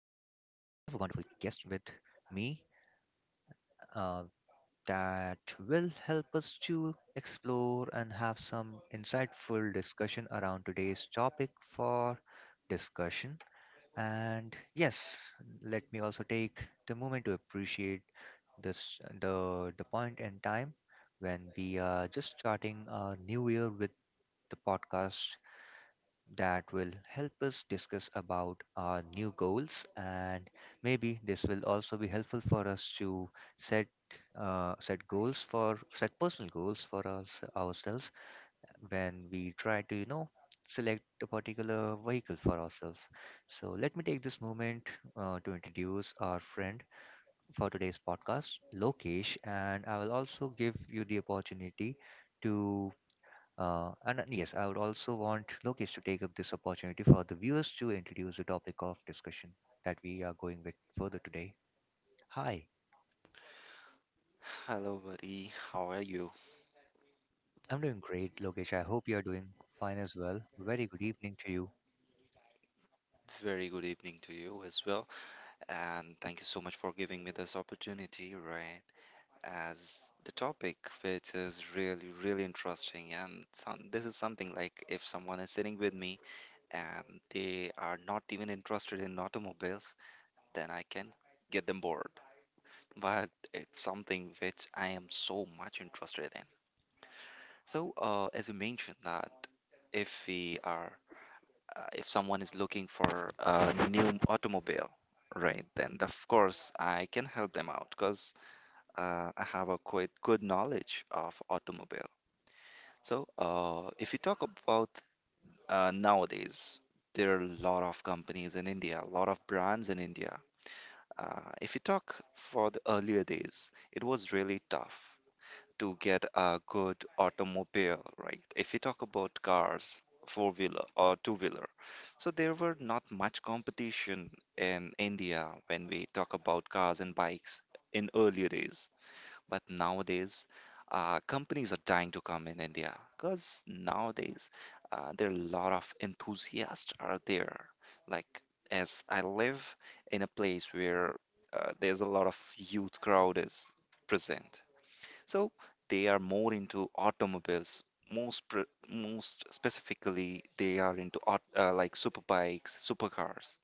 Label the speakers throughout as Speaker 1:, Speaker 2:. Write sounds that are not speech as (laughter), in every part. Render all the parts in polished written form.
Speaker 1: wonderful guest with me uh, that will help us to explore and have some insightful discussion around today's topic for discussion. And yes, let me also take the moment to appreciate this the point in time when we are just starting our new year with the podcast that will help us discuss about our new goals, and maybe this will also be helpful for us to set set personal goals for us ourselves when we try to select a particular vehicle for ourselves. So let me take this moment to introduce our friend for today's podcast, Lokesh, and I will also give you the opportunity to and yes, I would also want Lokesh to take up this opportunity for the viewers to introduce the topic of discussion that we are going with further today. Hi,
Speaker 2: Hello, buddy. How are you?
Speaker 1: I'm doing great, Lokesh. I hope you're doing fine as well. Very good evening to you.
Speaker 2: Very good evening to you as well. And thank you so much for giving me this opportunity, right? As the topic, which is really, really interesting. And some, this is something like if someone is sitting with me and they are not even interested in automobiles, then I can get them bored. But it's something which I am so much interested in. So, as you mentioned that if we are if someone is looking for a new automobile, right, then of course I can help them out because I have a quite good knowledge of automobile. So if you talk about nowadays, there are a lot of companies in India, a lot of brands in India. If you talk for the earlier days, it was really tough to get a good automobile, right? If you talk about cars, four wheeler or two wheeler, so there were not much competition in India when we talk about cars and bikes in earlier days. But nowadays, companies are dying to come in India because nowadays there are a lot of enthusiasts are there. Like as I live in a place where there's a lot of youth crowd is present, so they are more into automobiles. Most specifically, they are into like super bikes, supercars.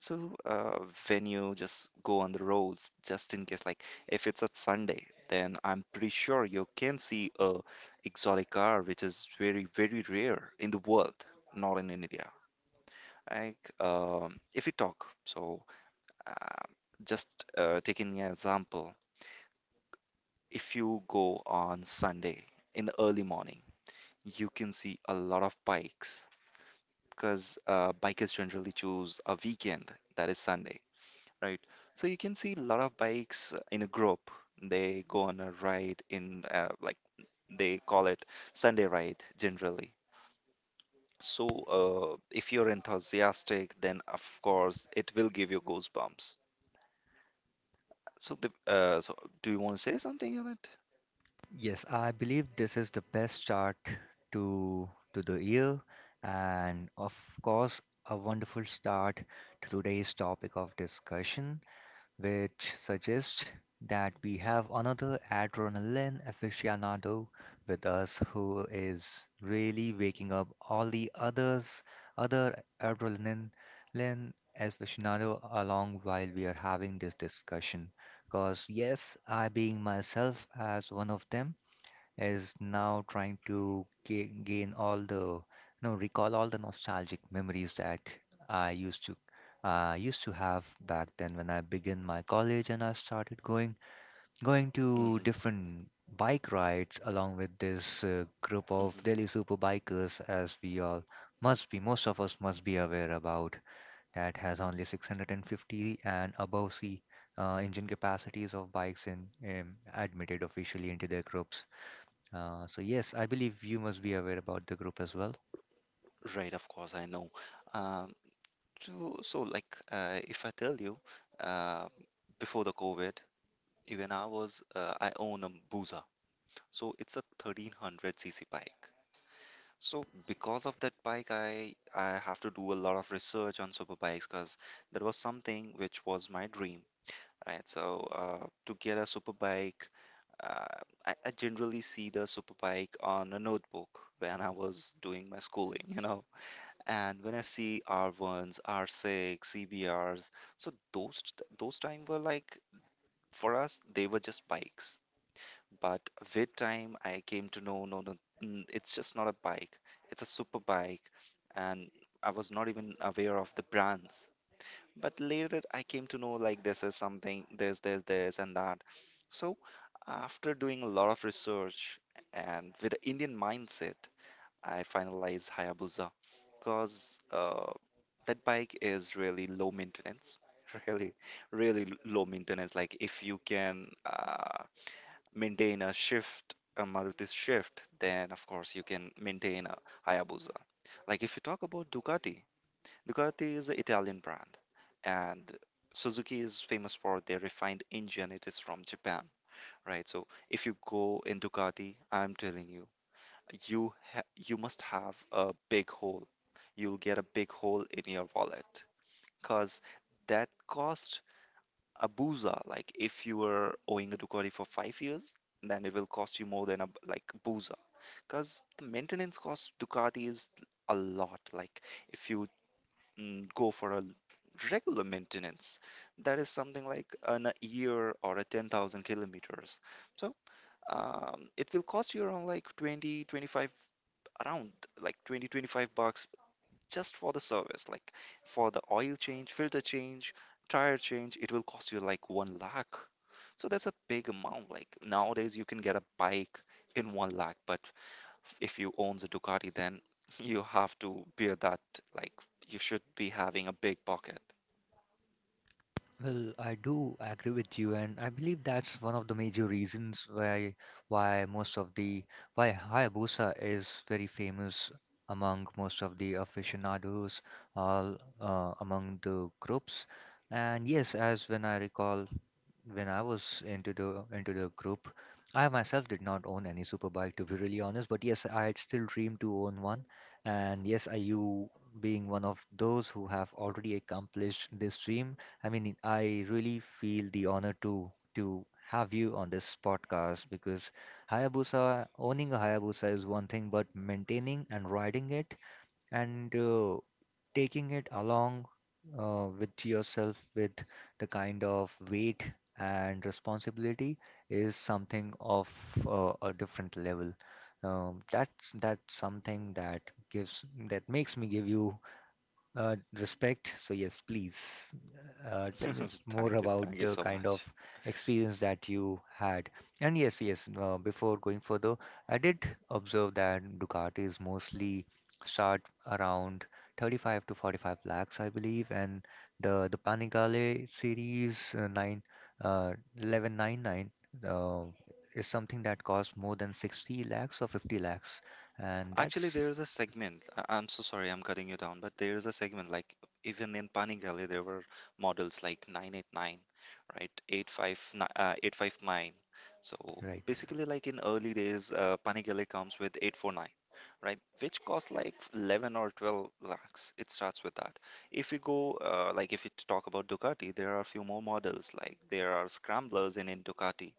Speaker 2: So when you just go on the roads, just in case, like if it's a Sunday, then I'm pretty sure you can see a exotic car, which is very very rare in the world, not in India. Like if you talk, so uh, just taking an example. If you go on Sunday in the early morning, you can see a lot of bikes because bikers generally choose a weekend, that is Sunday, right? So you can see a lot of bikes in a group. They go on a ride in like they call it Sunday ride generally. So if you're enthusiastic, then of course it will give you goosebumps. So do you want to say something on it?
Speaker 1: Yes, I believe this is the best start to the year, and of course, a wonderful start to today's topic of discussion, which suggests that we have another adrenaline aficionado with us who is really waking up all the others, other adrenaline aficionado along while we are having this discussion. Because yes, I being myself as one of them, is now trying to ga- gain all the, you know, recall all the nostalgic memories that I used to have back then when I began my college and I started going to
Speaker 2: Hmm.
Speaker 1: different bike rides along with this group of
Speaker 2: Hmm.
Speaker 1: Delhi super bikers, as we all must be most of us must be aware about, that has only 650 and above C engine capacities of bikes in, admitted officially into their groups. So yes, I believe you must be aware about the group as well.
Speaker 2: Right, of course, I know. Um, so like, if I tell you, uh, before the COVID, even I was, I own a Buza. So it's a 1300 cc bike. So because of that bike, I have to do a lot of research on super bikes because that was something which was my dream, right? So to get a super bike, uh, I generally see the super bike on a notebook when I was doing my schooling, (laughs) you know, and when I see R1s, R6, CBRs, so those time were like for us they were just bikes. But with time, I came to know no no, it's just not a bike. It's a super bike, and I was not even aware of the brands. But later I came to know like this is something this and that. So after doing a lot of research and with the Indian mindset, I finalized Hayabusa because that bike is really low maintenance, (laughs) really, really low maintenance. Like if you can maintain a shift, a Maruti shift, then of course you can maintain a Hayabusa. Like if you talk about Ducati, Ducati is an Italian brand, and Suzuki is famous for their refined engine. It is from Japan, right? So if you go in Ducati, I'm telling you you must have a big hole. You'll get a big hole in your wallet because that cost a boozer. Like if you were owing a Ducati for 5 years, then it will cost you more than a boozer because the maintenance cost Ducati is a lot. Like if you go for a regular maintenance, that is something like an a year or a 10,000 kilometers. So it will cost you around like 20 around like 20 25 bucks just for the service, like for the oil change, filter change, tire change, it will cost you like 1 lakh. So that's a big amount. Like nowadays you can get a bike in 1 lakh, but if you owns a Ducati then (laughs) you have to bear that. Like you should be having a big pocket.
Speaker 1: Well, I do agree with you, and I believe that's one of the major reasons why most of the why Hayabusa is very famous among most of the aficionados, all among the groups. And yes, as when I recall, when I was into the group, I myself did not own any super bike, to be really honest, but yes, I had still dreamed to own one. And yes, I you being one of those who have already accomplished this dream, I mean, I really feel the honor to have you on this podcast, because Hayabusa, owning a Hayabusa is one thing, but maintaining and riding it and taking it along with yourself with the kind of weight and responsibility is something of a different level. That's something that gives that makes me give you respect. So yes, please tell me
Speaker 2: (laughs)
Speaker 1: more
Speaker 2: Thank you,
Speaker 1: about
Speaker 2: thank you
Speaker 1: the
Speaker 2: so
Speaker 1: kind of
Speaker 2: much.
Speaker 1: experience that you had. And yes, yes. Before going further, I did observe that Ducatis mostly start around 35 to 45 lakhs, I believe, and the Panigale series, nine 1199, uh, is something that costs more than 60 lakhs or 50 lakhs, and
Speaker 2: Actually,
Speaker 1: that's
Speaker 2: there is a segment. I'm so sorry, I'm cutting you down, but there is a segment like even in Panigale, there were models like 989, right? 859. So
Speaker 1: right.
Speaker 2: basically, like in early days, Panigale comes with 849, right? Which costs like 11 or 12 lakhs. It starts with that. If you go, like if you talk about Ducati, there are a few more models. Like there are scramblers in Ducati.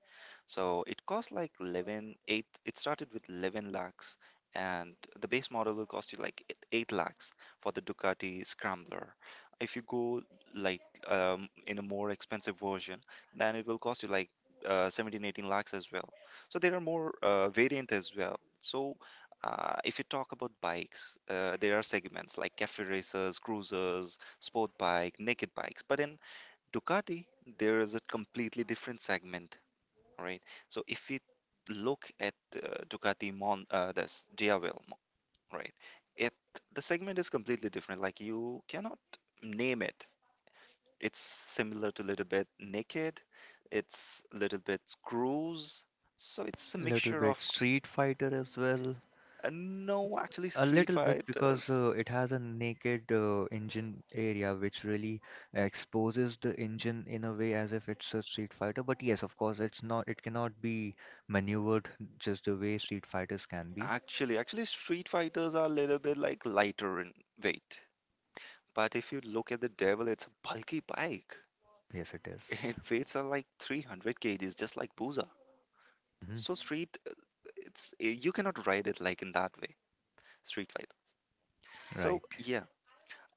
Speaker 2: So it costs like 11.8. It started with 11 lakhs, and the base model will cost you like eight 8 lakhs for the Ducati Scrambler. If you go like in a more expensive version, then it will cost you like 17 18 lakhs as well. So there are more variant as well. So if you talk about bikes, there are segments like cafe racers, cruisers, sport bike, naked bikes. But in Ducati, there is a completely different segment, right? So if we look at Ducati this Diavel. Right. It, the segment is completely different. Like you cannot name it. It's similar to little bit naked. It's little bit screws. So it's a
Speaker 1: Little
Speaker 2: mixture
Speaker 1: bit
Speaker 2: of
Speaker 1: Street Fighter as well.
Speaker 2: no, actually
Speaker 1: A
Speaker 2: Street
Speaker 1: little bit, because
Speaker 2: Fighters.
Speaker 1: it has a naked engine area which really exposes the engine in a way as if it's a Street Fighter. But yes, of course, it's not. It cannot be maneuvered just the way Street Fighters can be.
Speaker 2: Actually, actually Street Fighters are a little bit like lighter in weight. But if you look at the Devil, it's a bulky bike. (laughs)
Speaker 1: Yes, it is.
Speaker 2: It weights are like 300 kgs, just like Booza.
Speaker 1: Mhm.
Speaker 2: So Street, it's you cannot ride it like in that way. Street Fighter. So
Speaker 1: Right.
Speaker 2: yeah,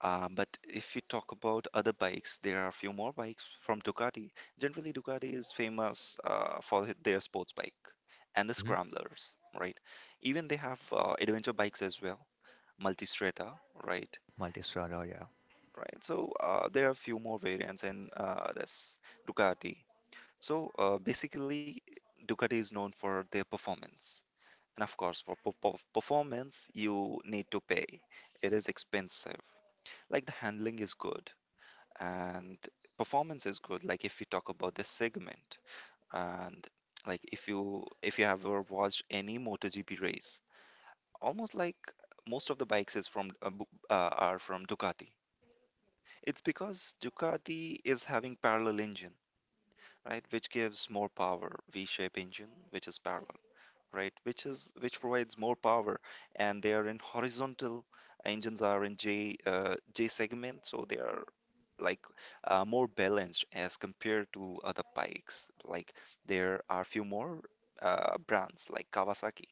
Speaker 2: But if we talk about other bikes, there are a few more bikes from Ducati. Generally, Ducati is famous for their sports bike and the
Speaker 1: Mm-hmm.
Speaker 2: scramblers, right? Even they have adventure bikes as well, Multistrada, right?
Speaker 1: Multi-star, oh yeah.
Speaker 2: Right. So there are a few more variants, in that's Ducati. So basically, Ducati is known for their performance, and of course, for performance, you need to pay. It is expensive. Like the handling is good and performance is good, like if we talk about this segment. And like if you have ever watched any MotoGP race, almost like most of the bikes is from are from Ducati. It's because Ducati is having parallel engine, right, which gives more power, v-shape engine which is parallel, right, which is which provides more power, and they are in horizontal, engines are in j segment, so they are like more balanced as compared to other bikes. Like there are few more brands like Kawasaki,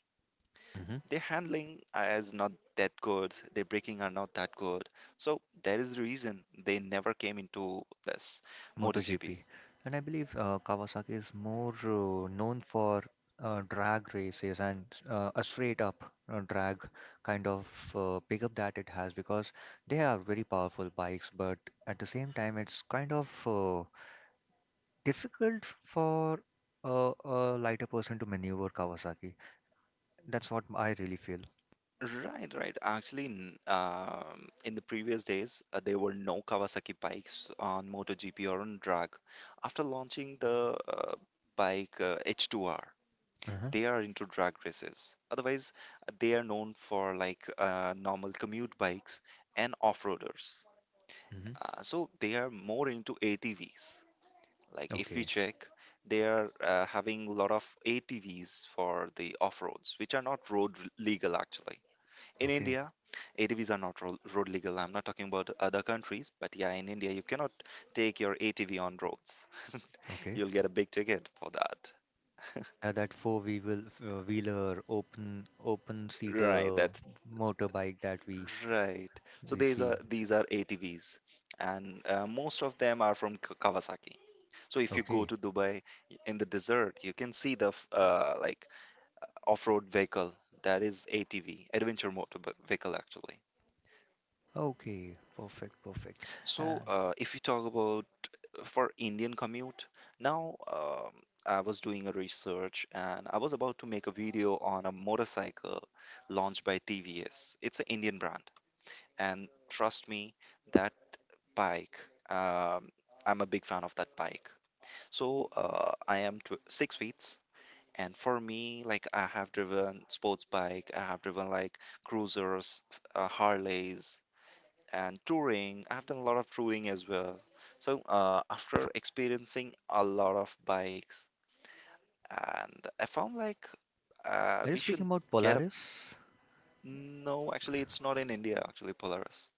Speaker 1: Mhm.
Speaker 2: their handling is not that good, their braking are not that good, so that is the reason they never came into this MotoGP.
Speaker 1: MotoGP. And I believe Kawasaki is more known for drag races and a straight up drag kind of pickup that it has, because they are very powerful bikes, but at the same time, it's kind of difficult for a lighter person to maneuver Kawasaki. That's what I really feel.
Speaker 2: Right, right. Actually, in the previous days, there were no Kawasaki bikes on MotoGP or on drag. After launching the bike H2R,
Speaker 1: Uh-huh.
Speaker 2: they are into drag races. Otherwise, they are known for like normal commute bikes and off-roaders.
Speaker 1: Hmm.
Speaker 2: So they are more into ATVs. Like if we
Speaker 1: Okay.
Speaker 2: check, they are having a lot of ATVs for the off-roads, which are not road legal actually. In
Speaker 1: Okay.
Speaker 2: India, ATVs are not road legal. I'm not talking about other countries, but yeah, in India, you cannot take your ATV on roads. (laughs)
Speaker 1: Okay.
Speaker 2: You'll get a big ticket for that. (laughs)
Speaker 1: Yeah, that four wheel wheeler open
Speaker 2: Right,
Speaker 1: seater
Speaker 2: that's
Speaker 1: motorbike that
Speaker 2: right. So
Speaker 1: we see.
Speaker 2: these are ATVs, and most of them are from Kawasaki. So if you go
Speaker 1: Okay.
Speaker 2: to Dubai in the desert, you can see the like off-road vehicle, that is ATV, adventure motor vehicle actually.
Speaker 1: Okay. Perfect. Perfect.
Speaker 2: So
Speaker 1: And
Speaker 2: if you talk about for Indian commute. Now, I was doing a research and I was about to make a video on a motorcycle launched by TVS. It's an Indian brand, and trust me, that bike. Um, I'm a big fan of that bike. So I am 6 feet, and for me, like I have driven sports bike, I have driven like cruisers, Harleys, and touring. I've done a lot of touring as well. So after experiencing a lot of bikes, and I found like
Speaker 1: are you
Speaker 2: we
Speaker 1: speaking
Speaker 2: should
Speaker 1: about
Speaker 2: get a
Speaker 1: Polaris?
Speaker 2: no. Actually, it's not in India. Actually, Polaris.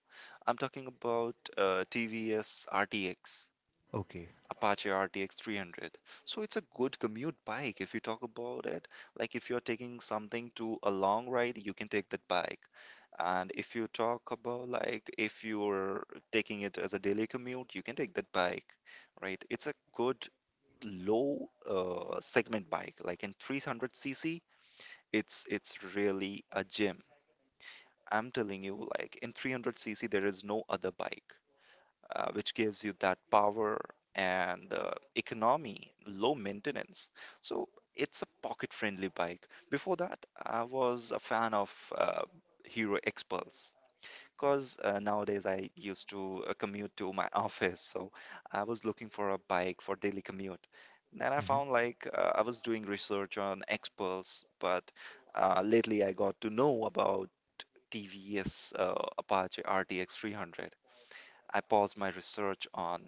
Speaker 2: I'm talking about TVS RTX.
Speaker 1: Okay.
Speaker 2: Apache RTX 300. So it's a good commute bike if you talk about it. Like if you're taking something to a long ride, you can take that bike. And if you talk about like if you're taking it as a daily commute, you can take that bike, right? It's a good low segment bike. Like in 300cc, it's really a gym. I'm telling you, like in 300cc, there is no other bike which gives you that power and economy, low maintenance. So it's a pocket friendly bike. Before that, I was a fan of Hero Xpulse. Because nowadays I used to commute to my (laughs) office, so I was looking for a bike for daily commute. Then I
Speaker 1: Hmm.
Speaker 2: found like I was doing research on Xpulse, but lately I got to know about TVS Apache RTX 300. I paused my research on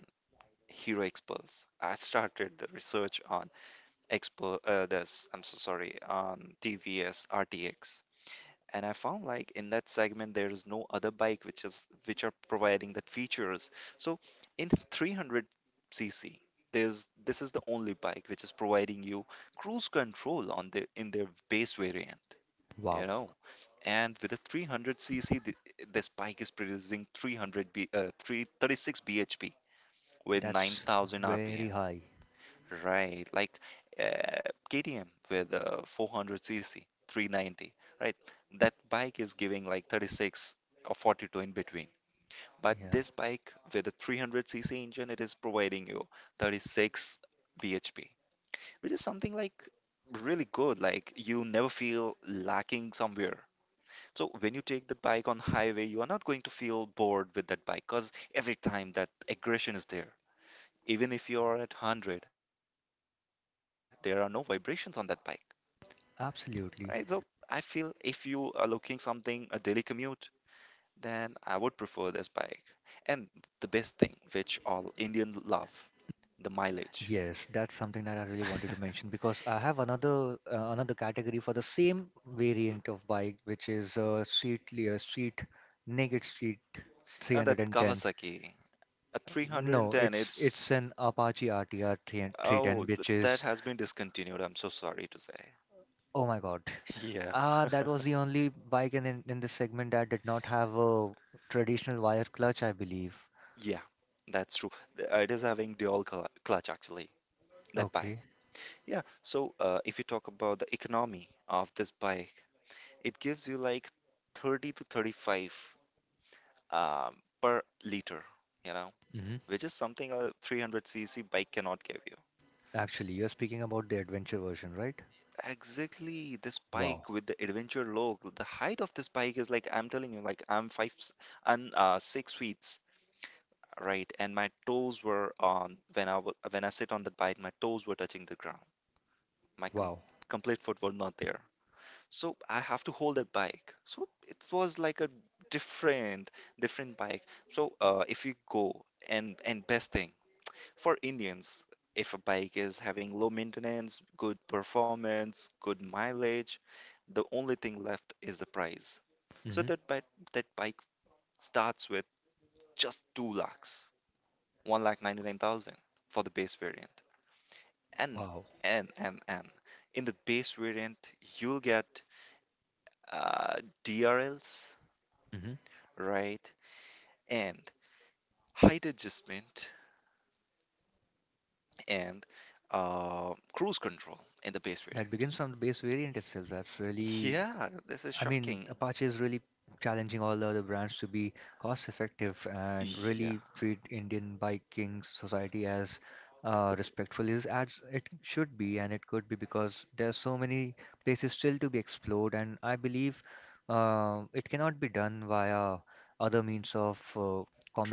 Speaker 2: hero experts. I started the research on expert this I'm so sorry on TVS RTX. And I found like in that segment there is no other bike which are providing that features. So in 300 cc there's this is the only bike which is providing you cruise control on the in their base variant, you
Speaker 1: Wow.
Speaker 2: know and with a 300 cc this bike is producing 300 b uh, 336 bhp with
Speaker 1: That's
Speaker 2: 9,000
Speaker 1: very
Speaker 2: RPM,
Speaker 1: high.
Speaker 2: right? Like KTM with 400cc, 390, right? That bike is giving like 36 or 42 in between. But
Speaker 1: Yeah.
Speaker 2: this bike with a 300cc engine, it is providing you 36 bhp, which is something like really good. Like you never feel lacking somewhere. So when you take the bike on highway, you are not going to feel bored with that bike because every time that aggression is there, even if you are at 100, there are no vibrations on that bike, right? So I feel
Speaker 1: Absolutely.
Speaker 2: if you are looking something a daily commute, then I would prefer this bike. And the best thing which all Indian love, the mileage.
Speaker 1: Yes, that's something that I really wanted
Speaker 2: (laughs)
Speaker 1: to mention, because I have another another category for the same variant of bike, which is street naked street
Speaker 2: That
Speaker 1: 310.
Speaker 2: Kawasaki, a
Speaker 1: No,
Speaker 2: 310,
Speaker 1: it's
Speaker 2: it's,
Speaker 1: it's an Apache RTR 3
Speaker 2: oh,
Speaker 1: 310, which
Speaker 2: that
Speaker 1: is,
Speaker 2: has been discontinued. I'm so sorry to say.
Speaker 1: oh my God.
Speaker 2: (laughs) Yeah,
Speaker 1: Ah, that was the only bike in this segment that did not have a traditional wire clutch, I believe.
Speaker 2: yeah, that's true. It is having dual clutch actually, that bike.
Speaker 1: Okay.
Speaker 2: Yeah. So if you talk about the economy of this bike, it gives you like 30 to 35 um, per liter, you know,
Speaker 1: Hmm.
Speaker 2: which is something a 300cc bike cannot give you.
Speaker 1: Actually, you're speaking about the adventure version, right?
Speaker 2: Exactly. This
Speaker 1: Wow.
Speaker 2: bike with the adventure logo, the height of this bike is like, I'm telling you, like I'm 6 feet. Right, and my toes were on, when when I sit on the bike, my toes were touching the ground. My
Speaker 1: Wow.
Speaker 2: complete foot was not there. So I have to hold that bike. So it was like a different, different bike. So if you go, and best thing for Indians, if a bike is having low maintenance, good performance, good mileage, the only thing left is the price. So
Speaker 1: Hmm.
Speaker 2: that bike starts with just 2 lakhs, 1 lakh 99,000 for the base variant, and
Speaker 1: Wow.
Speaker 2: and in the base variant you'll get uh, DRLs,
Speaker 1: Hmm.
Speaker 2: right? And height adjustment and cruise control in the base
Speaker 1: That
Speaker 2: variant.
Speaker 1: begins from the base variant itself. That's really,
Speaker 2: Yeah, this is
Speaker 1: I mean,
Speaker 2: shocking.
Speaker 1: Apache is really challenging all the other brands to be cost effective and
Speaker 2: Yeah,
Speaker 1: really treat Indian biking society as respectful is as it should be and it could be, because there are so many places still to be explored, and I believe it cannot be done via other means of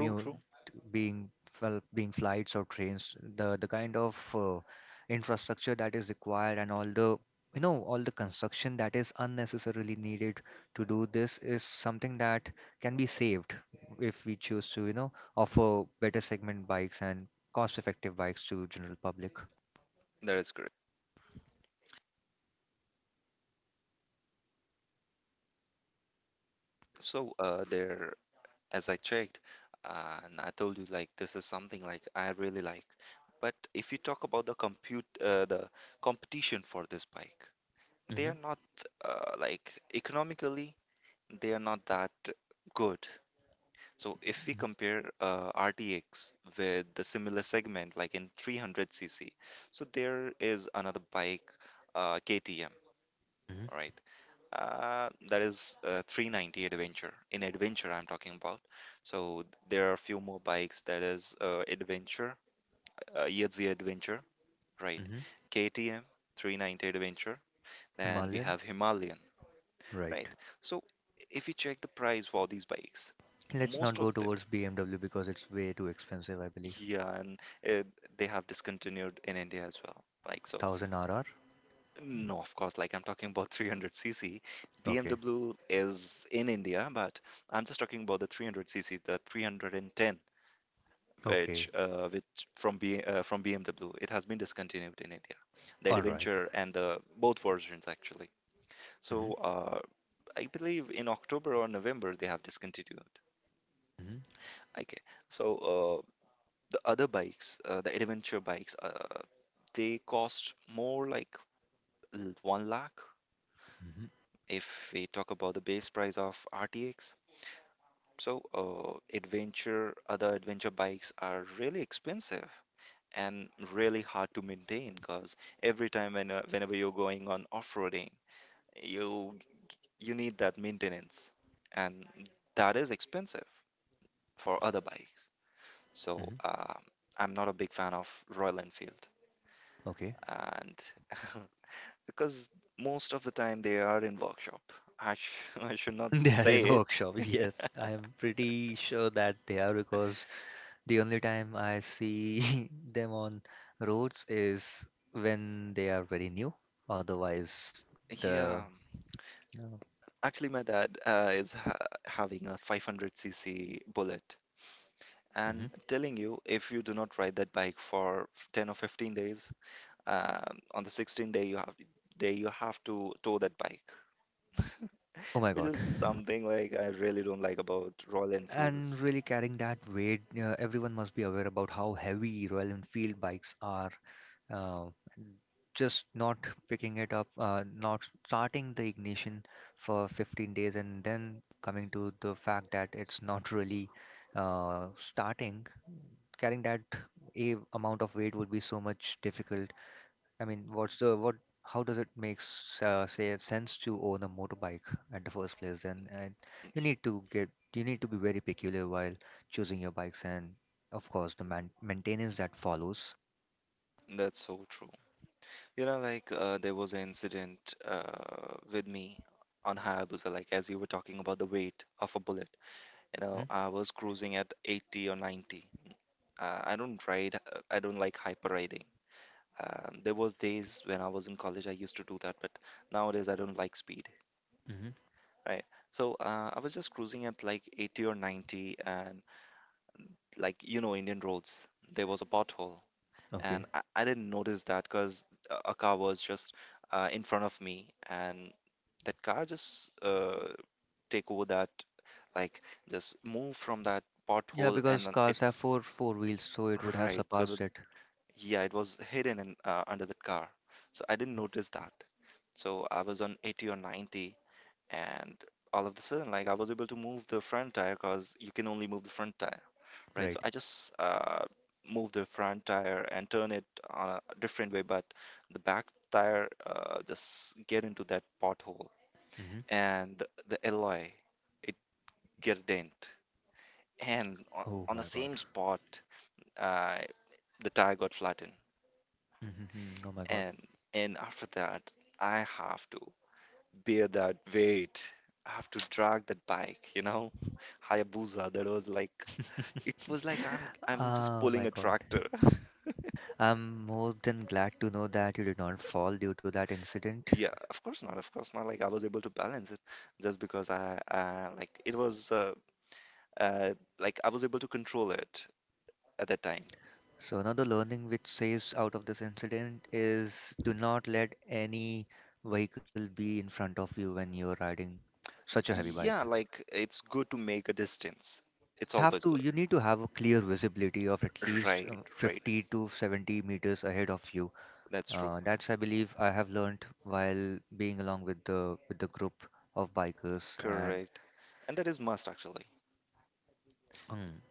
Speaker 2: true, true.
Speaker 1: being, well, being flights or trains. The kind of infrastructure that is required and all the construction that is unnecessarily needed to do this is something that can be saved if we choose to offer better segment bikes and cost effective bikes to general public.
Speaker 2: That is correct. So there, as I checked, and I told you like this is something like I really like. But if you talk about the the competition for this bike, they
Speaker 1: Hmm.
Speaker 2: are not like economically, they are not that good. So if we compare RTX with the similar segment, like in 300cc, so there is another bike, KTM,
Speaker 1: Hmm.
Speaker 2: right? That is 390 Adventure. In Adventure, I'm talking about. So there are a few more bikes that is Adventure, Yazzie Adventure, right?
Speaker 1: Hmm.
Speaker 2: KTM 390 Adventure, and we
Speaker 1: Himalayan,
Speaker 2: have Himalayan,
Speaker 1: right.
Speaker 2: right? So if you check the price for these bikes,
Speaker 1: Let's not
Speaker 2: most of.
Speaker 1: go towards BMW, because it's way too expensive, I believe.
Speaker 2: Yeah, and they have discontinued in India as well. Like, so,
Speaker 1: 1000RR.
Speaker 2: no, of course, like I'm talking about (laughs) 300cc.
Speaker 1: Okay.
Speaker 2: BMW is in India, but I'm just talking about the 300cc, the 310,
Speaker 1: Okay.
Speaker 2: which from BMW, it has been discontinued in India. The
Speaker 1: All right.
Speaker 2: Adventure and the both versions actually.
Speaker 1: Mm-hmm.
Speaker 2: So, I believe in October or November they have discontinued. Okay, so the other bikes, the adventure bikes. They cost more like 1 lakh
Speaker 1: Mm-hmm.
Speaker 2: if we talk about the base price of RTX. So, adventure, other adventure bikes are really expensive and really hard to maintain because every time whenever you're going on off-roading, you you need that maintenance, and that is expensive for other bikes. So,
Speaker 1: Mm-hmm.
Speaker 2: I'm not a big fan of Royal Enfield,
Speaker 1: Okay.
Speaker 2: and (laughs) because most of the time they are in workshop. (laughs) I should
Speaker 1: (laughs)
Speaker 2: not
Speaker 1: They are
Speaker 2: say
Speaker 1: in
Speaker 2: it.
Speaker 1: workshop. (laughs) Yes, I am pretty sure that they are, because the only time I see (laughs) them on roads is when they are very new. Otherwise, the,
Speaker 2: Yeah,
Speaker 1: uh,
Speaker 2: actually, my dad is having a 500cc bullet.
Speaker 1: mhm.
Speaker 2: And telling you, if you do not ride that bike for 10 or 15 days, on the 16th day you have to tow that bike,
Speaker 1: Oh my
Speaker 2: (laughs) which
Speaker 1: God.
Speaker 2: is something like I really don't like about Royal
Speaker 1: And
Speaker 2: Enfields.
Speaker 1: really carrying that weight, everyone must be aware about how heavy Royal Enfield bikes are. uh, just not picking it up, not starting the ignition for 15 days and then coming to the fact that it's not really starting, carrying that a amount of weight would be so much difficult. I mean, what's the what? How does it make say sense to own a motorbike at the first place? Then and you need to get you need to be very peculiar while choosing your bikes and, of course, the maintenance that follows.
Speaker 2: That's so true. You know, like there was an incident uh, with me on Hayabusa, like as you were talking about the weight of a bullet. You know, I was cruising at 80 or 90. I don't ride, I don't like hyper riding. There was days when I was in college, I used to do that, but nowadays I don't like speed,
Speaker 1: Mm-hmm.
Speaker 2: right? So I was just cruising at like 80 or 90, and like you know, Indian roads, there was a pothole,
Speaker 1: Okay.
Speaker 2: and I didn't notice that because a car was just in front of me, and that car just take over that, like just move from that
Speaker 1: Yeah,
Speaker 2: pothole, and
Speaker 1: because
Speaker 2: then
Speaker 1: cars have
Speaker 2: it's
Speaker 1: four wheels, so it would have
Speaker 2: right. So the
Speaker 1: surpassed it.
Speaker 2: yeah, it was hidden in under the car, so I didn't notice that. So I was on 80 or 90, and all of a sudden, like I was able to move the front tire because you can only move the front tire, right? So
Speaker 1: Right.
Speaker 2: I just move the front tire and turn it on a different way, but the back tire just get into that pothole
Speaker 1: Hmm.
Speaker 2: and the alloy, it get a dent, and on,
Speaker 1: Oh
Speaker 2: on the
Speaker 1: my God.
Speaker 2: same spot, uh, the tire got flattened,
Speaker 1: Hmm. Oh my God.
Speaker 2: and after that I have to bear that weight. I have to drag that bike, you know, (laughs) Hayabusa. That was like it was like I'm
Speaker 1: (laughs)
Speaker 2: I'm just
Speaker 1: Oh
Speaker 2: pulling
Speaker 1: my
Speaker 2: a
Speaker 1: God.
Speaker 2: tractor. (laughs)
Speaker 1: I'm more than glad to know that you did not fall due to that incident.
Speaker 2: Yeah, of course not. Of course not. Like I was able to balance it just because I like it was uh, like I was able to control it at that time.
Speaker 1: So another learning which says out of this incident is, do not let any vehicle be in front of you when you're riding such a heavy bike.
Speaker 2: Yeah, like it's good to make a distance. It's
Speaker 1: Have
Speaker 2: always
Speaker 1: to
Speaker 2: good.
Speaker 1: you need to have a clear visibility of at least
Speaker 2: Right, right.
Speaker 1: 50 to 70 meters ahead of you.
Speaker 2: That's true.
Speaker 1: That's, I believe, I have learned while being along with the group of bikers, and
Speaker 2: Correct. And that is must actually.
Speaker 1: um,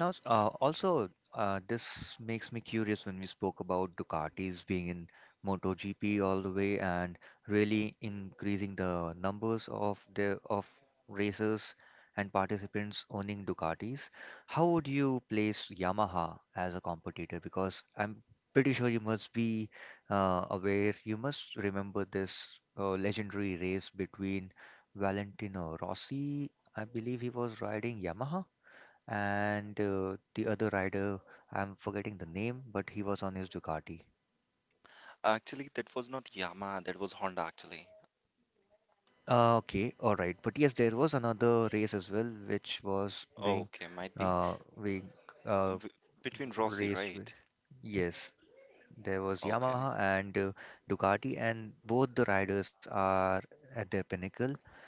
Speaker 1: now, also, this makes me curious when we spoke about Ducatis being in MotoGP all the way and really increasing the numbers of racers and participants owning Ducatis. How would you place Yamaha as a competitor? Because I'm pretty sure you must be aware, you must remember this legendary race between Valentino Rossi, I believe he was riding Yamaha, and the other rider. I'm forgetting the name, but he was on his Ducati.
Speaker 2: Actually, that was not Yamaha. That was Honda actually.
Speaker 1: Uh, okay, all right, but yes, there was another race as well which was
Speaker 2: Okay, might be
Speaker 1: uh being uh
Speaker 2: between Rossi,
Speaker 1: raced with.
Speaker 2: right?
Speaker 1: Yes, there was
Speaker 2: Okay.
Speaker 1: Yamaha and Ducati, and both the riders are at their pinnacle.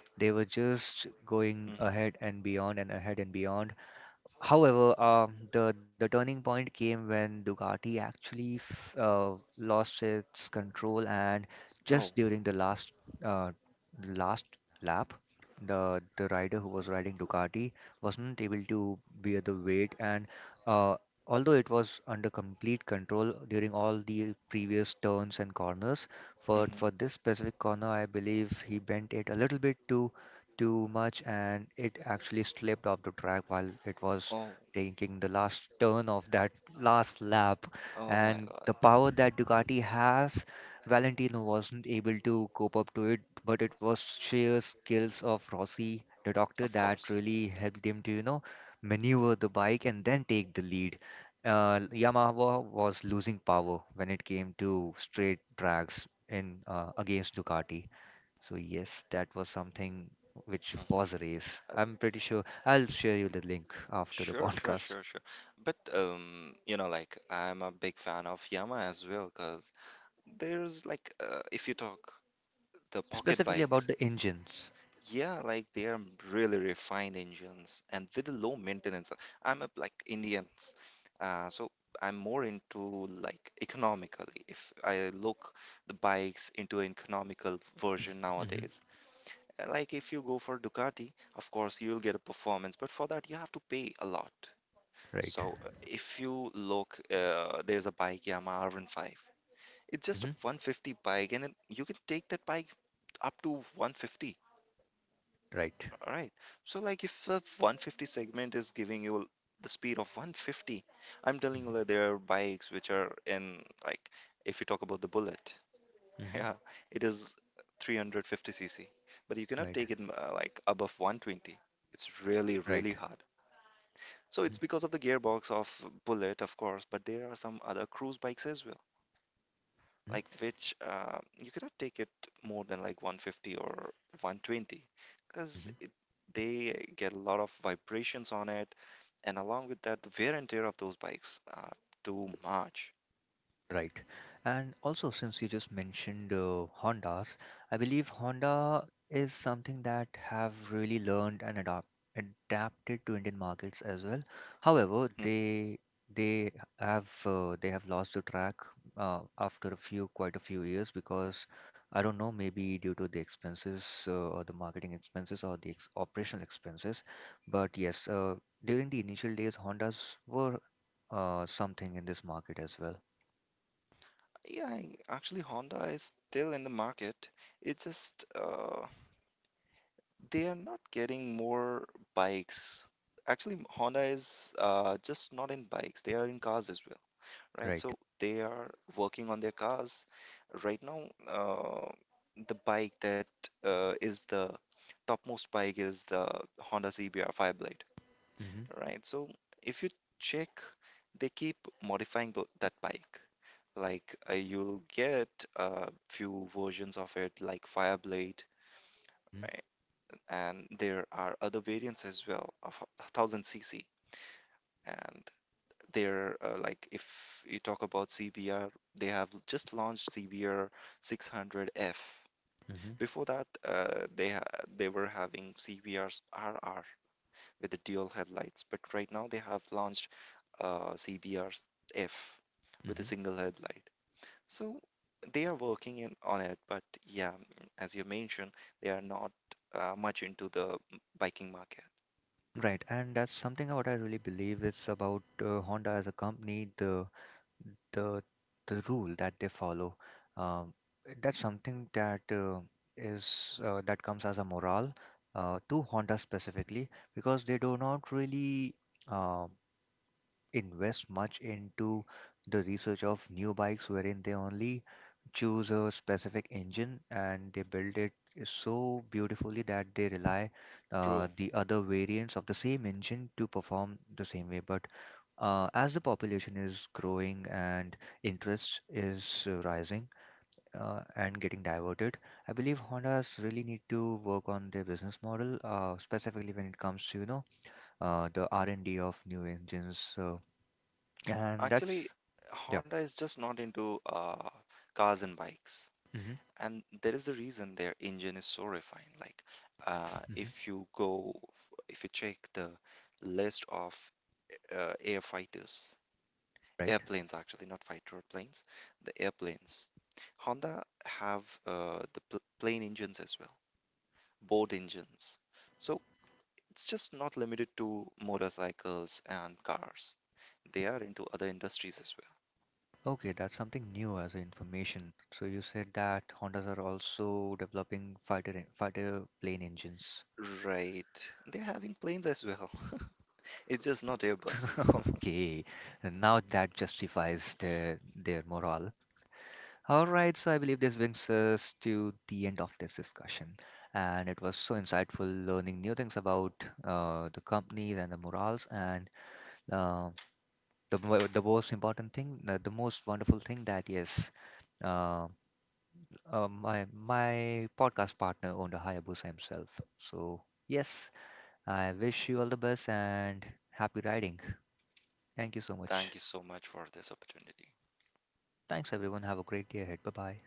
Speaker 1: They were just going
Speaker 2: Mm-hmm.
Speaker 1: ahead and beyond and ahead and beyond. However, the turning point came when Ducati actually f lost its control, and just
Speaker 2: Oh.
Speaker 1: during the uh, last lap, the rider who was riding Ducati wasn't able to bear the weight, and uh, although it was under complete control during all the previous turns and corners, for
Speaker 2: Mm-hmm.
Speaker 1: for this specific corner, I believe he bent it a little bit too much and it actually slipped off the track while it was
Speaker 2: Oh.
Speaker 1: taking the last turn of that last lap.
Speaker 2: Oh my
Speaker 1: And the
Speaker 2: God.
Speaker 1: power that Ducati has, Valentino wasn't able to cope up to it, but it was sheer skills of Rossi, the doctor,
Speaker 2: Of course.
Speaker 1: that really helped him to, maneuver the bike and then take the lead. Yamaha was losing power when it came to straight tracks, in against Ducati. So yes, that was something which
Speaker 2: Mm-hmm.
Speaker 1: was a race. I'm pretty sure I'll share you the link after the (laughs)
Speaker 2: Sure, sure,
Speaker 1: podcast,
Speaker 2: sure, sure. But like I'm a big fan of Yamaha as well, cause there's like if you talk the pocket
Speaker 1: specifically
Speaker 2: bikes,
Speaker 1: about the engines.
Speaker 2: yeah, like they are really refined engines and with the low maintenance. I'm a like Indians, so I'm more into like economically. If I look the bikes into an economical version
Speaker 1: (coughs) Hmm.
Speaker 2: nowadays, like if you go for Ducati, of course you'll get a performance, but for that you have to pay a lot.
Speaker 1: Right.
Speaker 2: So if you look, there's a bike Yamaha R15. It's just a
Speaker 1: Hmm.
Speaker 2: 150 bike, and you can take that bike up to 150.
Speaker 1: Right.
Speaker 2: All right. So like if the 150 segment is giving you the speed of 150, I'm telling you
Speaker 1: Hmm.
Speaker 2: that there are bikes which are in, like if you talk about the Bullet, (laughs) yeah,
Speaker 1: Hmm.
Speaker 2: it is 350 cc, but you cannot
Speaker 1: Right.
Speaker 2: take it like above 120. It's really really
Speaker 1: Right.
Speaker 2: hard. So it's because of the gearbox of Bullet, of course, but there are some other cruise bikes as well, like
Speaker 1: Hmm.
Speaker 2: which you cannot take it more than like 150 or 120 because
Speaker 1: Hmm.
Speaker 2: they get a lot of vibrations on it, and along with that, the wear and tear of those bikes are too much.
Speaker 1: Right. And also, since you just mentioned Hondas, I believe Honda is something that have really learned and adapted to Indian markets as well. However, they they have lost the track after a few, quite a few years, because I don't know, maybe due to the expenses or the marketing expenses or the ex operational expenses. But yes, during the initial days, Hondas were something in this market as well.
Speaker 2: Yeah, actually, Honda is still in the market. It's just they are not getting more bikes. Actually, Honda is just not in bikes, they are in cars as well. Right?
Speaker 1: Right.
Speaker 2: So they are working on their cars. Right now, uh, the bike that is the topmost bike is the Honda CBR Fireblade.
Speaker 1: Mhm.
Speaker 2: Right? So if you check, they keep modifying that bike. Like you'll get a few versions of it, like Fireblade,
Speaker 1: Mhm.
Speaker 2: right? And there are other variants as well of 1000 cc. And they're, like, if you talk about CBR, they have just launched CBR 600F.
Speaker 1: Mhm.
Speaker 2: Before that, they were having CBRs RR with the dual headlights, but right now they have launched CBRs F with a
Speaker 1: Mhm.
Speaker 2: single headlight. So they are working on it, but yeah, as you mentioned, they are not much into the biking market.
Speaker 1: Right, and that's something what I really believe is about Honda as a company, the the rule that they follow. Um, that's something that is that comes as a morale to Honda specifically, because they do not really uh, invest much into the research of new bikes, wherein they only choose a specific engine and they build it so beautifully that they rely
Speaker 2: True.
Speaker 1: the other variants of the same engine to perform the same way, but as the population is growing and interest is rising and getting diverted, I believe Hondas really need to work on their business model, specifically when it comes to, the R&D of new engines and that's
Speaker 2: Actually,
Speaker 1: yeah.
Speaker 2: Honda is just not into cars and bikes,
Speaker 1: Hmm.
Speaker 2: and there is the reason their engine is so refined. Like
Speaker 1: Hmm.
Speaker 2: if you go if you check the list of air fighters,
Speaker 1: Right.
Speaker 2: airplanes, actually not fighter planes, the airplanes. Honda have the plane engines as well, boat engines, so it's just not limited to motorcycles and cars. They are into other industries as
Speaker 1: Okay, that's something new as a information. So you said that Hondas are also developing fighter fighter plane engines.
Speaker 2: well. Right, they're having planes as well. (laughs) It's just not airbus.
Speaker 1: (laughs)
Speaker 2: (laughs)
Speaker 1: Okay. And now that justifies their morale. All right, so I believe this brings us to the end of this discussion, and it was so insightful learning new things about the companies and the morals and uh, the most important thing, the most wonderful thing that yes, uh, my podcast partner owned a Hayabusa himself. So yes, I wish you all the best and happy riding. Thank you so
Speaker 2: Thank
Speaker 1: much.
Speaker 2: you so much for this opportunity.
Speaker 1: Thanks everyone. Have a great day ahead. Bye bye.